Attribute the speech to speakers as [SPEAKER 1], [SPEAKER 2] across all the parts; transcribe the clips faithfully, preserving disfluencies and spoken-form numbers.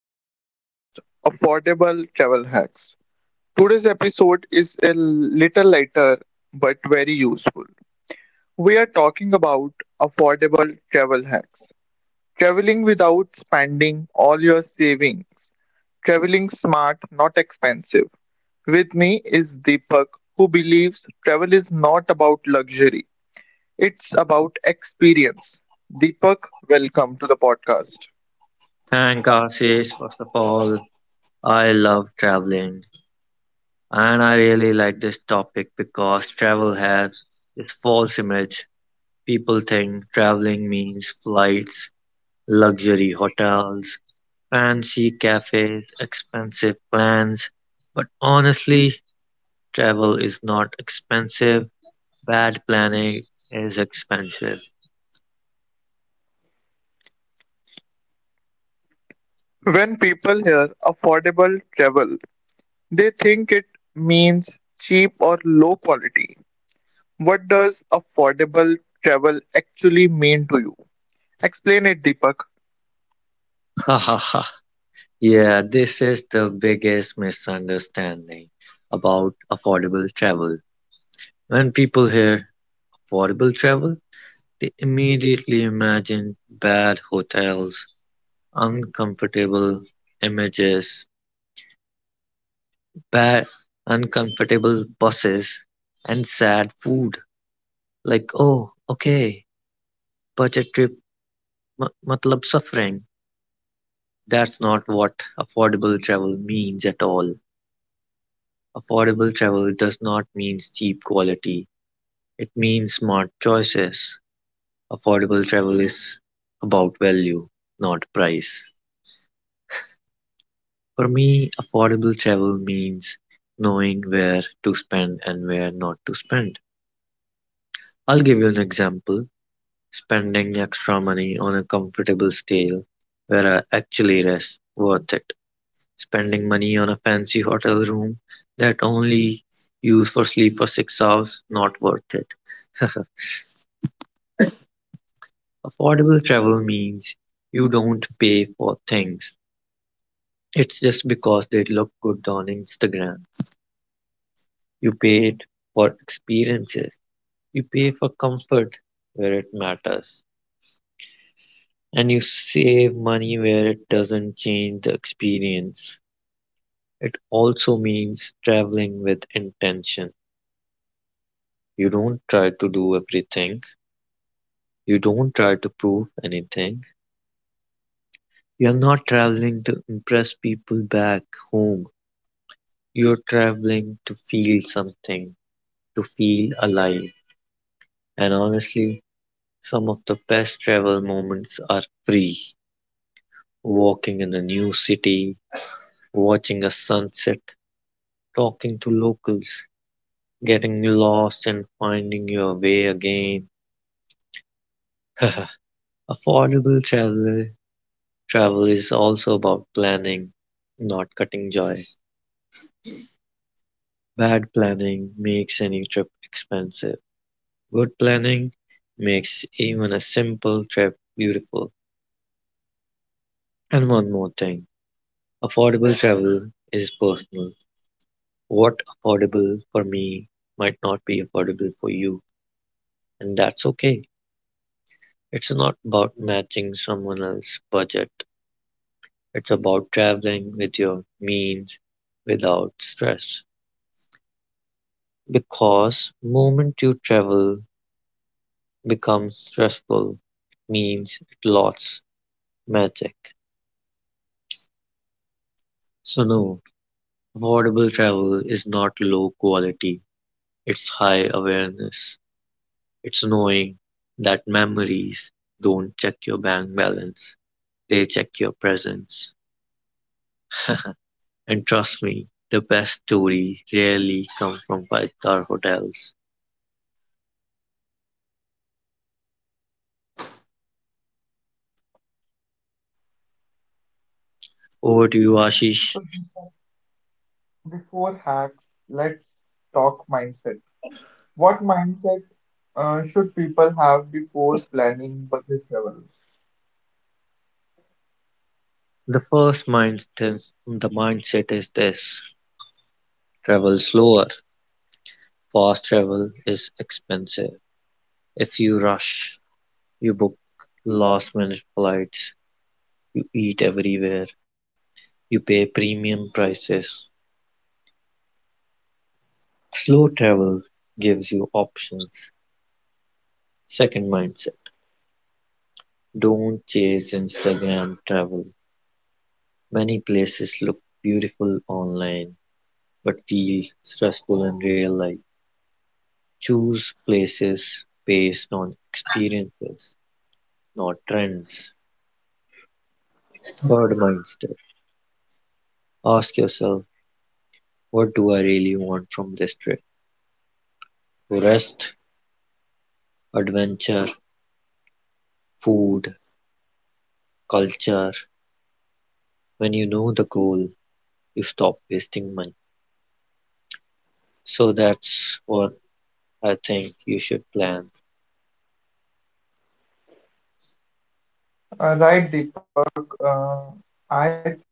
[SPEAKER 1] to the podcast Affordable Travel Hacks. Today's episode is a little lighter but very useful. We are talking about affordable travel hacks. Traveling without spending all your savings. Traveling smart, not expensive. With me is Deepak, who believes travel is not about luxury, it's about experience. Deepak, welcome to the podcast.
[SPEAKER 2] Thank Ashish. First of all, I love traveling and I really like this topic because travel has this false image. People think traveling means flights, luxury hotels, fancy cafes, expensive plans. But honestly, travel is not expensive. Bad planning is expensive.
[SPEAKER 1] When people hear affordable travel, they think it means cheap or low quality. What does affordable travel actually mean to you? Explain it, Deepak.
[SPEAKER 2] Yeah, this is the biggest misunderstanding about affordable travel. When people hear "affordable travel", they immediately imagine bad hotels, uncomfortable images, bad uncomfortable buses, and sad food. Like, oh, okay, budget trip, ma- matlab suffering. That's not what affordable travel means at all. Affordable travel does not mean cheap quality. It means smart choices. Affordable travel is about value, not price. For me, affordable travel means knowing where to spend and where not to spend. I'll give you an example. Spending extra money on a comfortable stay where I actually rest worth it. Spending money on a fancy hotel room that only use for sleep for six hours not worth it. Affordable travel means you don't pay for things. It's just because they look good on Instagram. You paid for experiences. You pay for comfort where it matters, and you save money where it doesn't change the experience. It also means traveling with intention. You don't try to do everything, you don't try to prove anything. You're not traveling to impress people back home. You're traveling to feel something, to feel alive. And honestly, some of the best travel moments are free. Walking in a new city, watching a sunset, talking to locals, getting lost and finding your way again. Affordable travel travel is also about planning, not cutting joy. Bad planning makes any trip expensive. Good planning makes even a simple trip beautiful. And one more thing, affordable travel is personal. What affordable for me might not be affordable for you, and that's okay. It's not about matching someone else's budget. It's about traveling with your means without stress. Because moment you travel becomes stressful means it lost magic. So no, affordable travel is not low quality. It's high awareness. It's knowing that memories don't check your bank balance. They check your presence. And trust me, the best stories rarely come from five-star hotels. Over to you, Ashish.
[SPEAKER 1] So be- Before hacks, let's talk mindset. What mindset uh, should people have before planning budget travel?
[SPEAKER 2] The first mindset, the mindset is this: travel slower. Fast travel is expensive. If you rush, you book last-minute flights, you eat everywhere, you pay premium prices. Slow travel gives you options. Second mindset: don't chase Instagram travel. Many places look beautiful online but feel stressful in real life. Choose places based on experiences, not trends. Third mindset, ask yourself, what do I really want from this trip? Rest, adventure, food, culture. When you know the goal, you stop wasting money. So that's what I think you should plan.
[SPEAKER 1] Uh, right, Deepak. Uh, I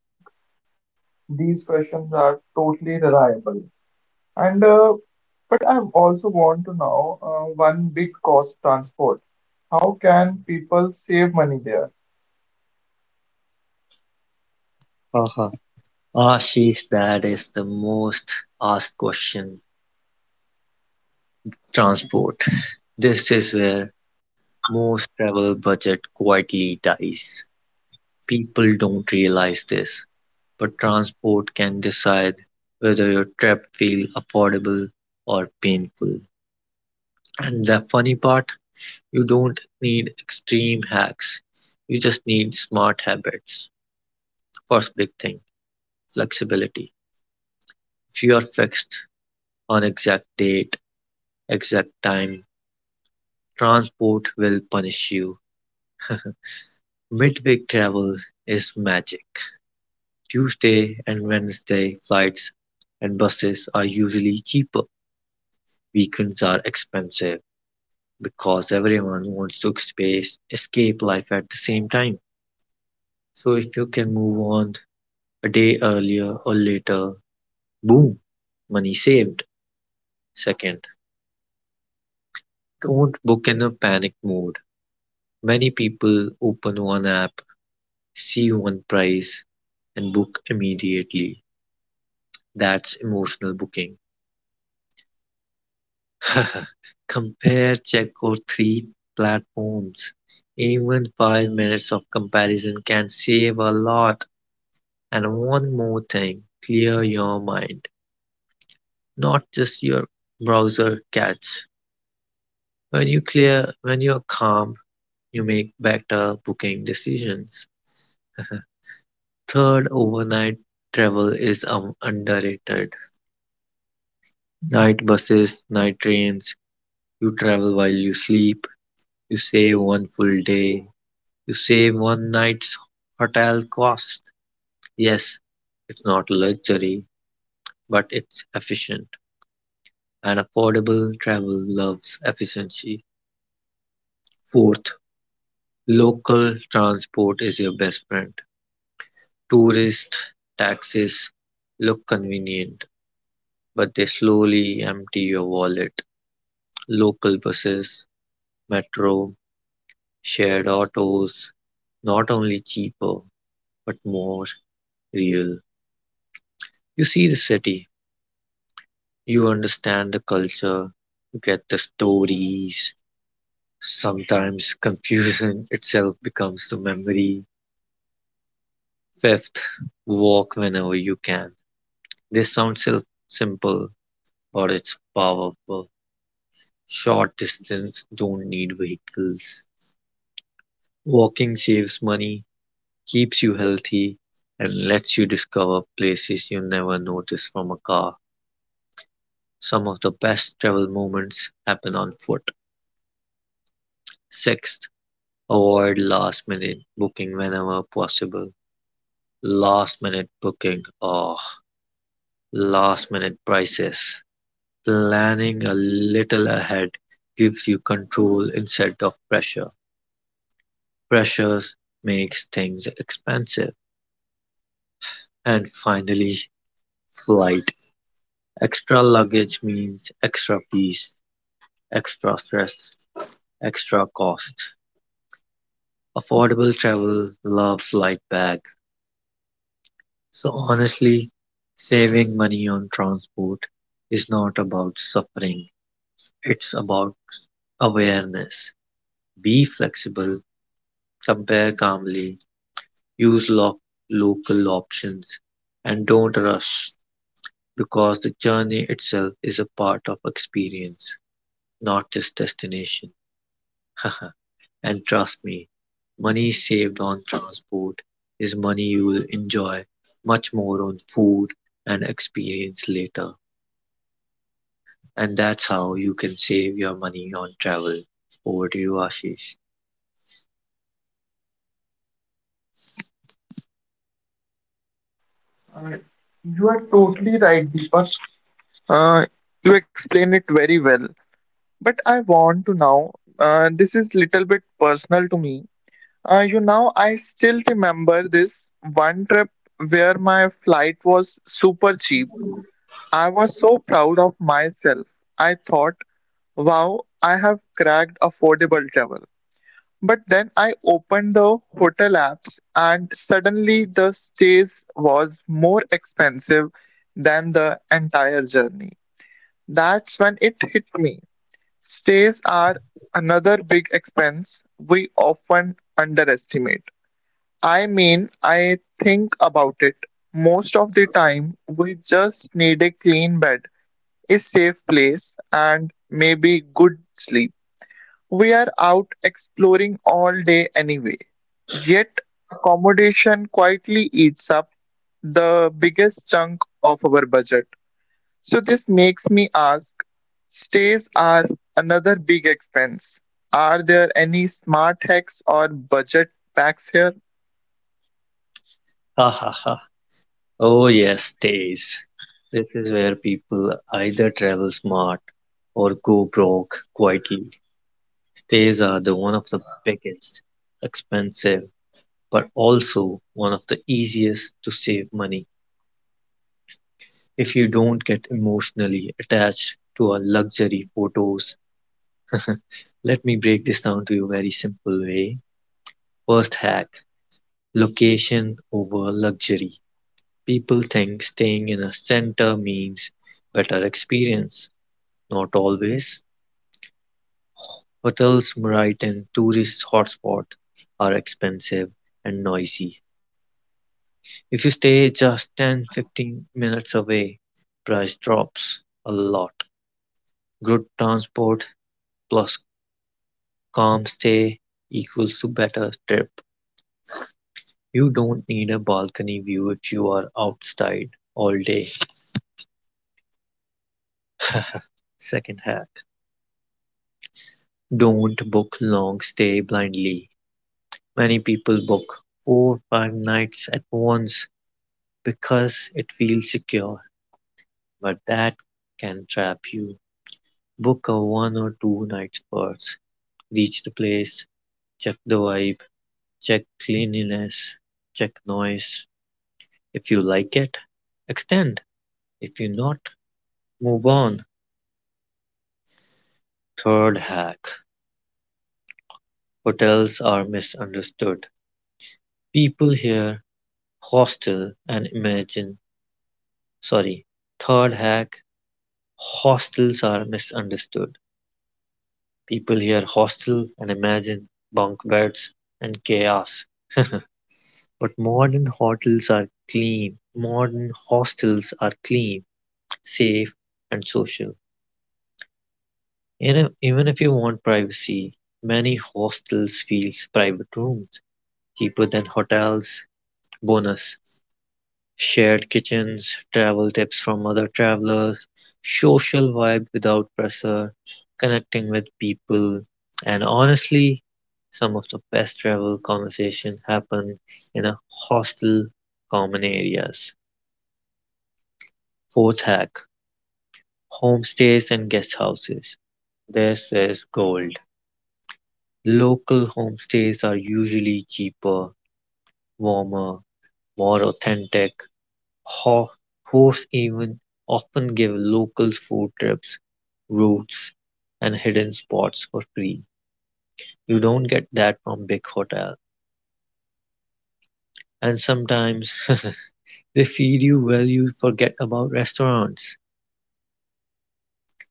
[SPEAKER 1] these questions are totally reliable. And uh, But I also want to know uh, one big cost transport. How can people save money there?
[SPEAKER 2] Haha. Ashish, that is the most asked question. Transport. This is where Most travel budget quietly dies. People don't realize this, but transport can decide whether your trip feel affordable or painful. And the funny part, you don't need extreme hacks. You just need smart habits. First big thing, flexibility. If you are fixed on exact date, exact time, transport will punish you. Midweek travel is magic. Tuesday and Wednesday flights and buses are usually cheaper. Weekends are expensive because everyone wants to space, escape life at the same time. So if you can move on a day earlier or later, boom, money saved. Second, don't book in a panic mode. Many people open one app, see one price, and book immediately. That's emotional booking. Compare, check Checo three platforms. Even five minutes of comparison can save a lot. And one more thing, clear your mind, not just your browser cache. When you clear, when you're calm, you make better booking decisions. Third, overnight travel is um, underrated. Night buses, night trains, you travel while you sleep, you save one full day, you save one night's hotel cost. Yes, it's not luxury, but it's efficient and affordable. Travel loves efficiency. Fourth, local transport is your best friend. Tourist taxis look convenient, but they slowly empty your wallet. Local buses, metro, shared autos, not only cheaper, but more real. You see the city, you understand the culture, you get the stories. Sometimes confusion itself becomes the memory. Fifth, walk whenever you can. This sounds sil- simple, but it's powerful. Short distance don't need vehicles. Walking saves money, keeps you healthy, and lets you discover places you never noticed from a car. Some of the best travel moments happen on foot. Sixth, avoid last-minute booking whenever possible. Last-minute booking or last-minute prices. Planning a little ahead gives you control instead of pressure. Pressures makes things expensive. And finally, flight. Extra luggage means extra peace, extra stress, extra cost. Affordable travel loves light bag. So honestly, saving money on transport is not about suffering, it's about awareness. Be flexible, compare calmly, use lo- local options, and don't rush because the journey itself is a part of experience, not just destination. And trust me, money saved on transport is money you will enjoy much more on food and experience later. And that's how you can save your money on travel. Over to you, Ashish.
[SPEAKER 1] Uh, you are totally right, Deepak. Uh, you explain it very well. But I want to know. Uh, this is little bit personal to me. Uh, you know, I still remember this one trip where my flight was super cheap. I was so proud of myself. I thought, wow, I have cracked affordable travel. But then I opened the hotel apps and suddenly the stays was more expensive than the entire journey. That's when it hit me. Stays are another big expense we often underestimate. I mean, I think about it. Most of the time, we just need a clean bed, a safe place, and maybe good sleep. We are out exploring all day anyway. Yet, accommodation quietly eats up the biggest chunk of our budget. So, this makes me ask, stays are another big expense. Are there any smart hacks or budget hacks here?
[SPEAKER 2] Ha ha ha. Oh, yes, days. This is where people either travel smart or go broke quietly. Stays are the one of the biggest, expensive, but also one of the easiest to save money. If you don't get emotionally attached to our luxury photos, let me break this down to you very simple way. First hack, location over luxury: people think staying in a center means better experience. Not always. Hotels right in tourist hotspot are expensive and noisy. If you stay just ten to fifteen minutes away, price drops a lot. Good transport plus calm stay equals to better trip. You don't need a balcony view if you are outside all day. Second half. Don't book long stay blindly. Many people book four or five nights at once because it feels secure, but that can trap you. Book a one or two nights first. Reach the place, check the vibe, check cleanliness, check noise. If you like it, extend. If you not, move on. Third hack. Hotels are misunderstood. People hear hostel and imagine. Sorry. Third hack, hostels are misunderstood. People hear hostel and imagine bunk beds and chaos. But modern hotels are clean. Modern hostels are clean, safe, and social. And if- even if you want privacy, many hostels feel private rooms, cheaper than hotels. Bonus: shared kitchens, travel tips from other travelers, social vibe without pressure, connecting with people, and honestly, some of the best travel conversations happen in a hostel common areas. Fourth hack, homestays and guest houses. This is gold. Local homestays are usually cheaper, warmer, more authentic. Ho- Hosts even often give locals food trips, routes, and hidden spots for free. You don't get that from big hotel. And sometimes they feed you well you forget about restaurants.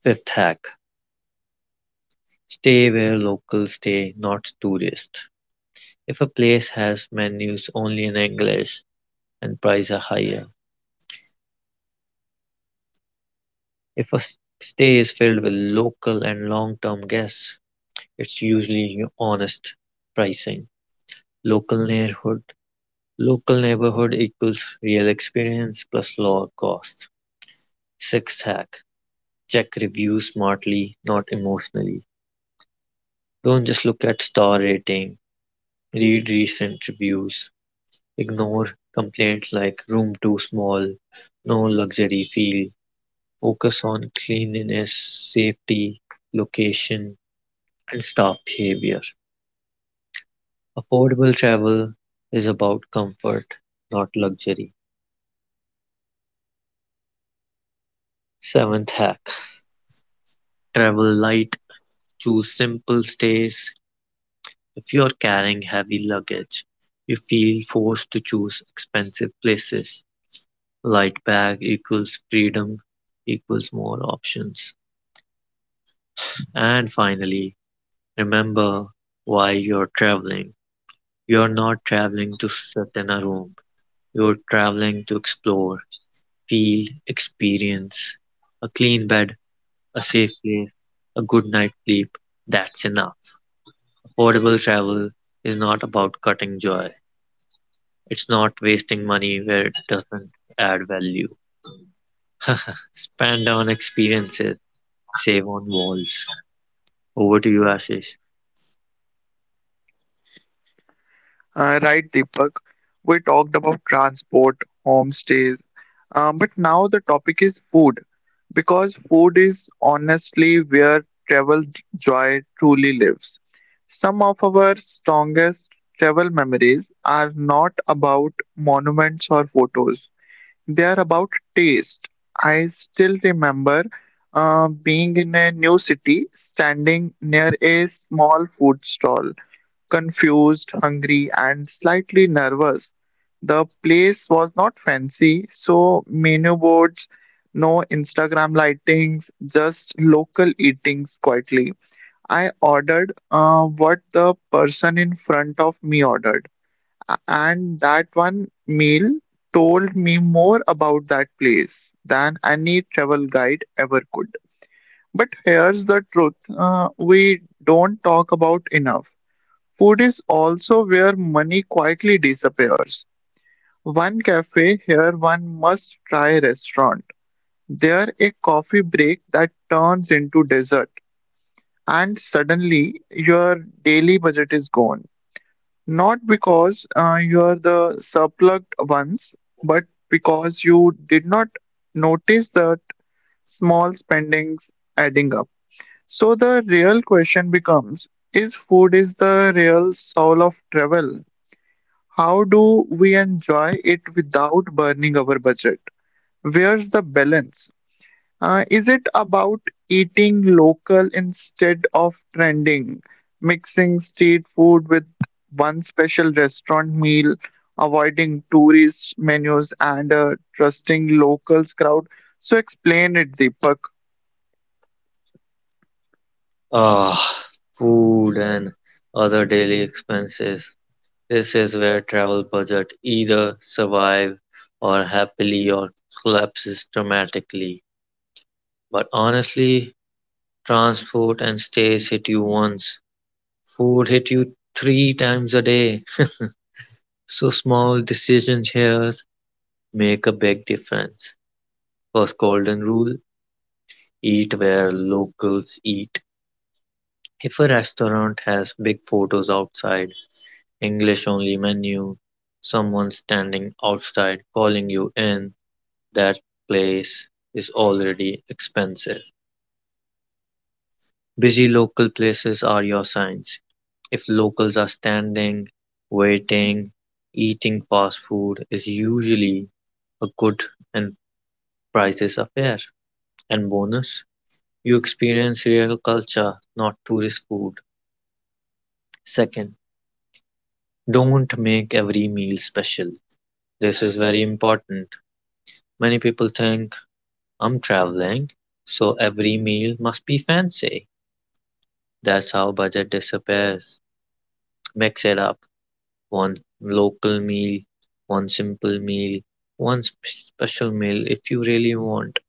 [SPEAKER 2] Fifth hack. Stay where locals stay, not tourists. If a place has menus only in English and prices are higher. If a stay is filled with local and long-term guests, it's usually honest pricing. Local neighborhood Local neighborhood equals real experience plus lower cost. Sixth hack: check reviews smartly, not emotionally. Don't just look at star rating. Read recent reviews. Ignore complaints like room too small, no luxury feel. Focus on cleanliness, safety, location, and staff behavior. Affordable travel is about comfort, not luxury. Seventh hack: travel light, choose simple stays. If you are carrying heavy luggage, you feel forced to choose expensive places. Light bag equals freedom equals more options. And finally, remember why you're traveling. You're not traveling to sit in a room. You're traveling to explore, feel, experience. A clean bed, a safe place, a good night's sleep, that's enough. Affordable travel is not about cutting joy. It's not wasting money where it doesn't add value. Spend on experiences, save on walls. Over to you, Ashish.
[SPEAKER 1] Uh, right, Deepak. We talked about transport, homestays, Uh, but now the topic is food, because food is honestly where travel joy truly lives. Some of our strongest travel memories are not about monuments or photos, they are about taste. I still remember uh, being in a new city, standing near a small food stall, confused, hungry, and slightly nervous. The place was not fancy, so menu boards, no Instagram lightings, just local eatings quietly. I ordered uh, what the person in front of me ordered, a- and that one meal told me more about that place than any travel guide ever could. But here's the truth, uh, we don't talk about enough. Food is also where money quietly disappears. One cafe here, one must try restaurant. There a coffee break that turns into dessert and suddenly your daily budget is gone. Not because uh, you are the surplugged ones, but because you did not notice that small spendings adding up. So the real question becomes, is food is the real soul of travel? How do we enjoy it without burning our budget? Where's the balance? Uh, is it about eating local instead of trending, mixing street food with one special restaurant meal, avoiding tourist menus, and uh, trusting locals crowd? So explain it, Deepak.
[SPEAKER 2] Ah, food and other daily expenses. This is where travel budget either survive or happily or collapses dramatically. But honestly, transport and stays hit you once. Food hit you three times a day. So small decisions here make a big difference. First golden rule: eat where locals eat. If a restaurant has big photos outside, English only menu, someone standing outside calling you in, that place is already expensive. Busy local places are your signs. If locals are standing, waiting, eating fast food is usually a good and prices are fair. And bonus, you experience real culture, not tourist food. Second, don't make every meal special. This is very important. Many people think I'm traveling, so every meal must be fancy. That's how budget disappears. Mix it up. One local meal, one simple meal, one sp- special meal if you really want.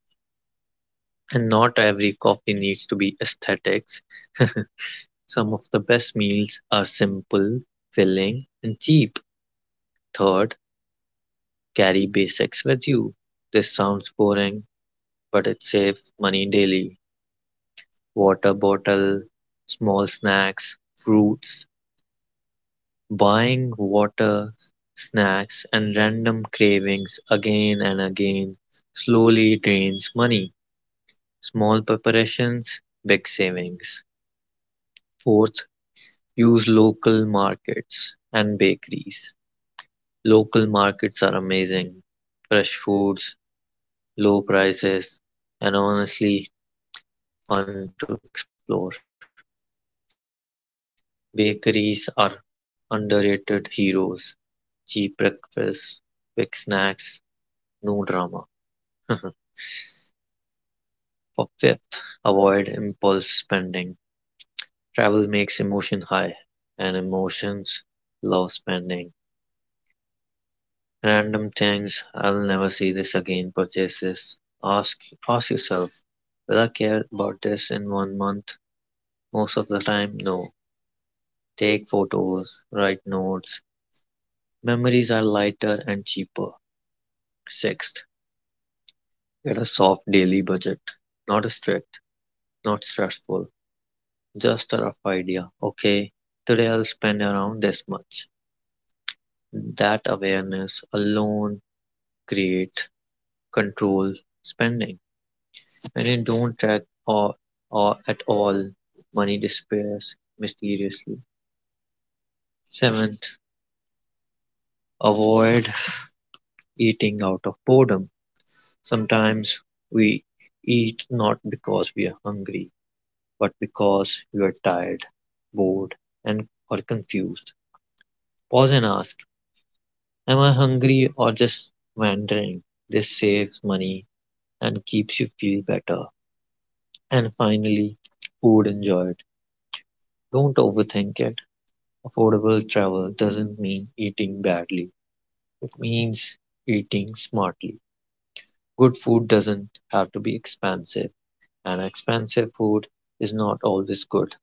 [SPEAKER 2] And not every coffee needs to be aesthetics. Some of the best meals are simple, filling, and cheap. Third, carry basics with you. This sounds boring, but it saves money daily. Water bottle, small snacks, fruits, buying water, snacks, and random cravings again and again slowly drains money. Small preparations, big savings. Fourth, use local markets and bakeries. Local markets are amazing. Fresh foods, low prices, and honestly fun to explore. Bakeries are underrated heroes. Cheap breakfast, quick snacks, no drama. For fifth, avoid impulse spending. Travel makes emotion high, and emotions love spending. Random things, I'll never see this again purchases. Ask ask yourself, will I care about this in one month? Most of the time, no. Take photos, write notes. Memories are lighter and cheaper. Sixth, get a soft daily budget. Not strict, not stressful, just a rough idea. Okay, today I'll spend around this much. That awareness alone create control spending. When you don't track or, or at all, money disappears mysteriously. Seventh, avoid eating out of boredom. Sometimes we eat not because we are hungry but because you are tired, bored, and or confused. Pause and ask, am I hungry or just wandering? This saves money and keeps you feel better. And finally, food enjoyed. Don't overthink it. Affordable travel doesn't mean eating badly. It means eating smartly. Good food doesn't have to be expensive, and expensive food is not always good.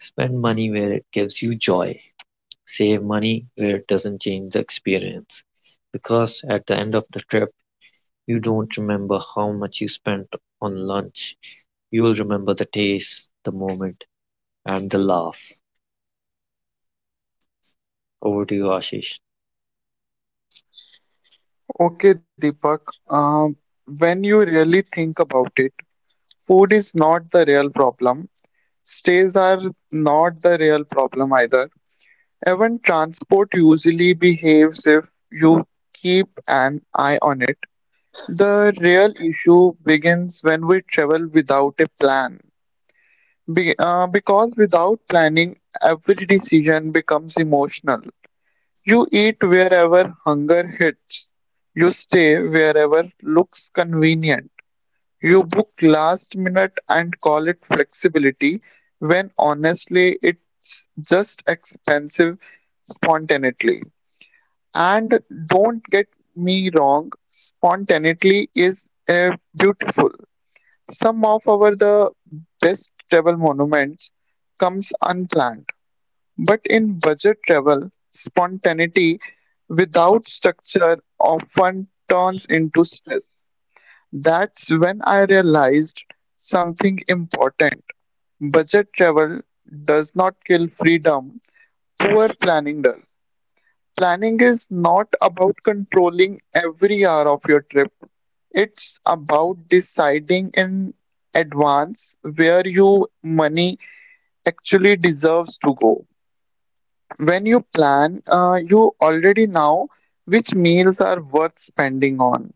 [SPEAKER 2] Spend money where it gives you joy. Save money where it doesn't change the experience, because at the end of the trip, you don't remember how much you spent on lunch. You will remember the taste, the moment, and the laugh. Over to you, Ashish.
[SPEAKER 1] Okay, Deepak. Um, when you really think about it, food is not the real problem. Stays are not the real problem either. Even transport usually behaves if you keep an eye on it. The real issue begins when we travel without a plan. Be, uh, because without planning, every decision becomes emotional. You eat wherever hunger hits. You stay wherever looks convenient, you book last minute and call it flexibility when honestly it's just expensive spontaneity. And don't get me wrong, spontaneity is uh, beautiful. Some of our the best travel monuments comes unplanned, but in budget travel, spontaneity without structure often turns into stress. That's when I realized something important. Budget travel does not kill freedom, poor planning does. Planning is not about controlling every hour of your trip, it's about deciding in advance where your money actually deserves to go. When you plan, uh, you already know which meals are worth spending on.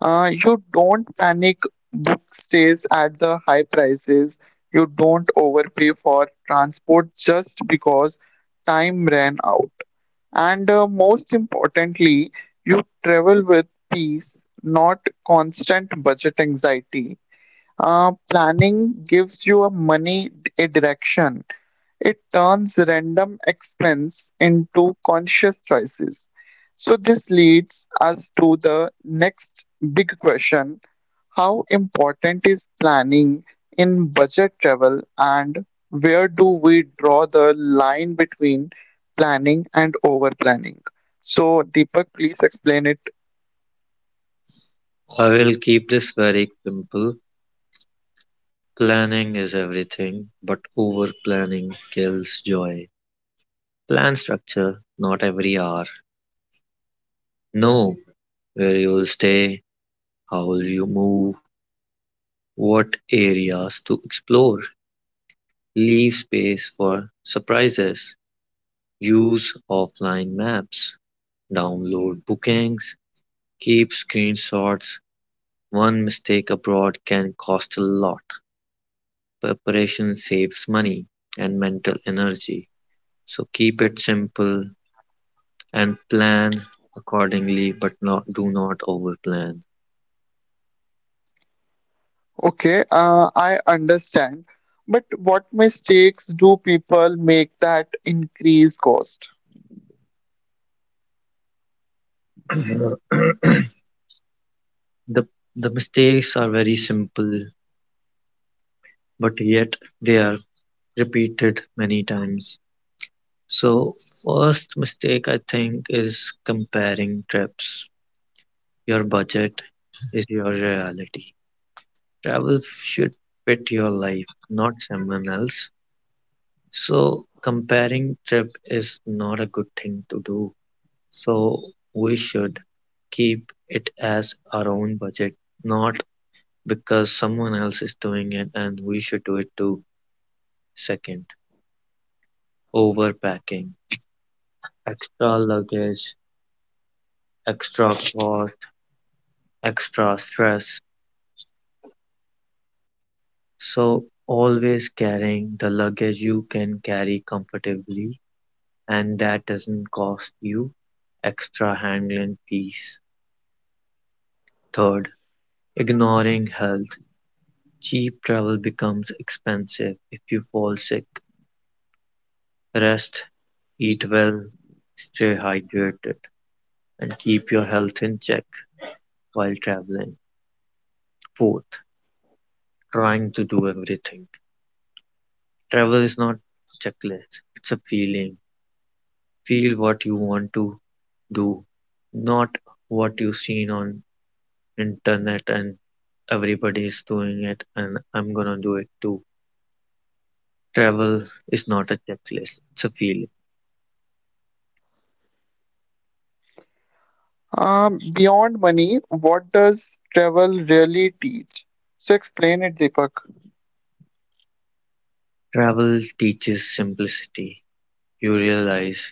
[SPEAKER 1] Uh, you don't panic book stays at the high prices. You don't overpay for transport just because time ran out. And uh, most importantly, you travel with peace, not constant budget anxiety. Uh, planning gives you a money a direction, it turns random expense into conscious choices. So, this leads us to the next big question: how important is planning in budget travel, and where do we draw the line between planning and over planning? So, Deepak, please explain it.
[SPEAKER 2] I will keep this very simple. Planning is everything, but over planning kills joy. Plan structure, not every hour. Know where you will stay, how will you move, what areas to explore, leave space for surprises. Use offline maps. Download bookings. Keep screenshots. One mistake abroad can cost a lot. Preparation saves money and mental energy. So keep it simple and plan accordingly, but not do not overplan.
[SPEAKER 1] Okay, uh, I understand. But what mistakes do people make that increase cost?
[SPEAKER 2] the the mistakes are very simple, but yet they are repeated many times. So, first mistake I think is comparing trips. Your budget is your reality. Travel should fit your life, not someone else. So, comparing trip is not a good thing to do. So, we should keep it as our own budget, not because someone else is doing it and we should do it too. Second, overpacking, extra luggage, extra cost, extra stress. So always carrying the luggage you can carry comfortably and that doesn't cost you extra handling fees. Third, ignoring health. Cheap travel becomes expensive if you fall sick. Rest, eat well, stay hydrated, and keep your health in check while traveling. Fourth, trying to do everything. Travel is not checklist, it's a feeling. Feel what you want to do, not what you've seen on internet and everybody is doing it and I'm gonna do it too. Travel is not a checklist, it's a feeling.
[SPEAKER 1] Um, beyond money, what does travel really teach? So explain it, Deepak.
[SPEAKER 2] Travel teaches simplicity. You realize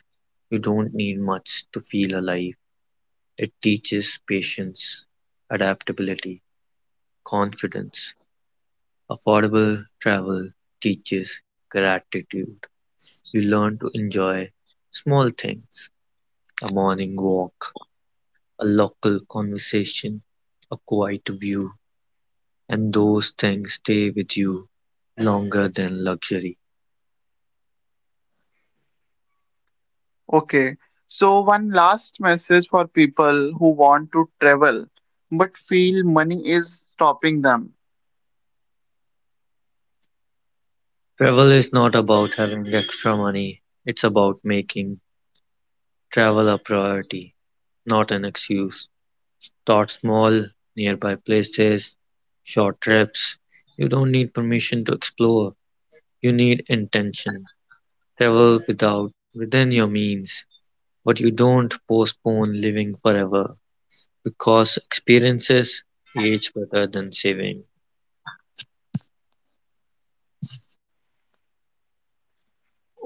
[SPEAKER 2] you don't need much to feel alive. It teaches patience, adaptability, confidence. Affordable travel teaches gratitude. You learn to enjoy small things. A morning walk, a local conversation, a quiet view, and those things stay with you longer than luxury.
[SPEAKER 1] Okay, so one last message for people who want to travel but feel money is stopping them.
[SPEAKER 2] Travel is not about having extra money, it's about making travel a priority, not an excuse. Start small, nearby places, short trips. You don't need permission to explore, you need intention. Travel without within your means, but you don't postpone living forever. Because experiences age better than saving.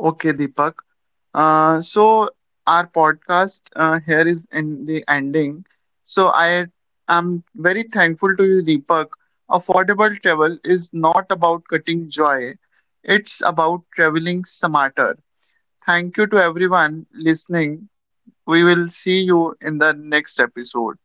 [SPEAKER 1] Okay, Deepak. Uh, so our podcast uh, here is in the ending. So I am very thankful to you, Deepak. Affordable travel is not about cutting joy, it's about traveling smarter. Thank you to everyone listening. We will see you in the next episode.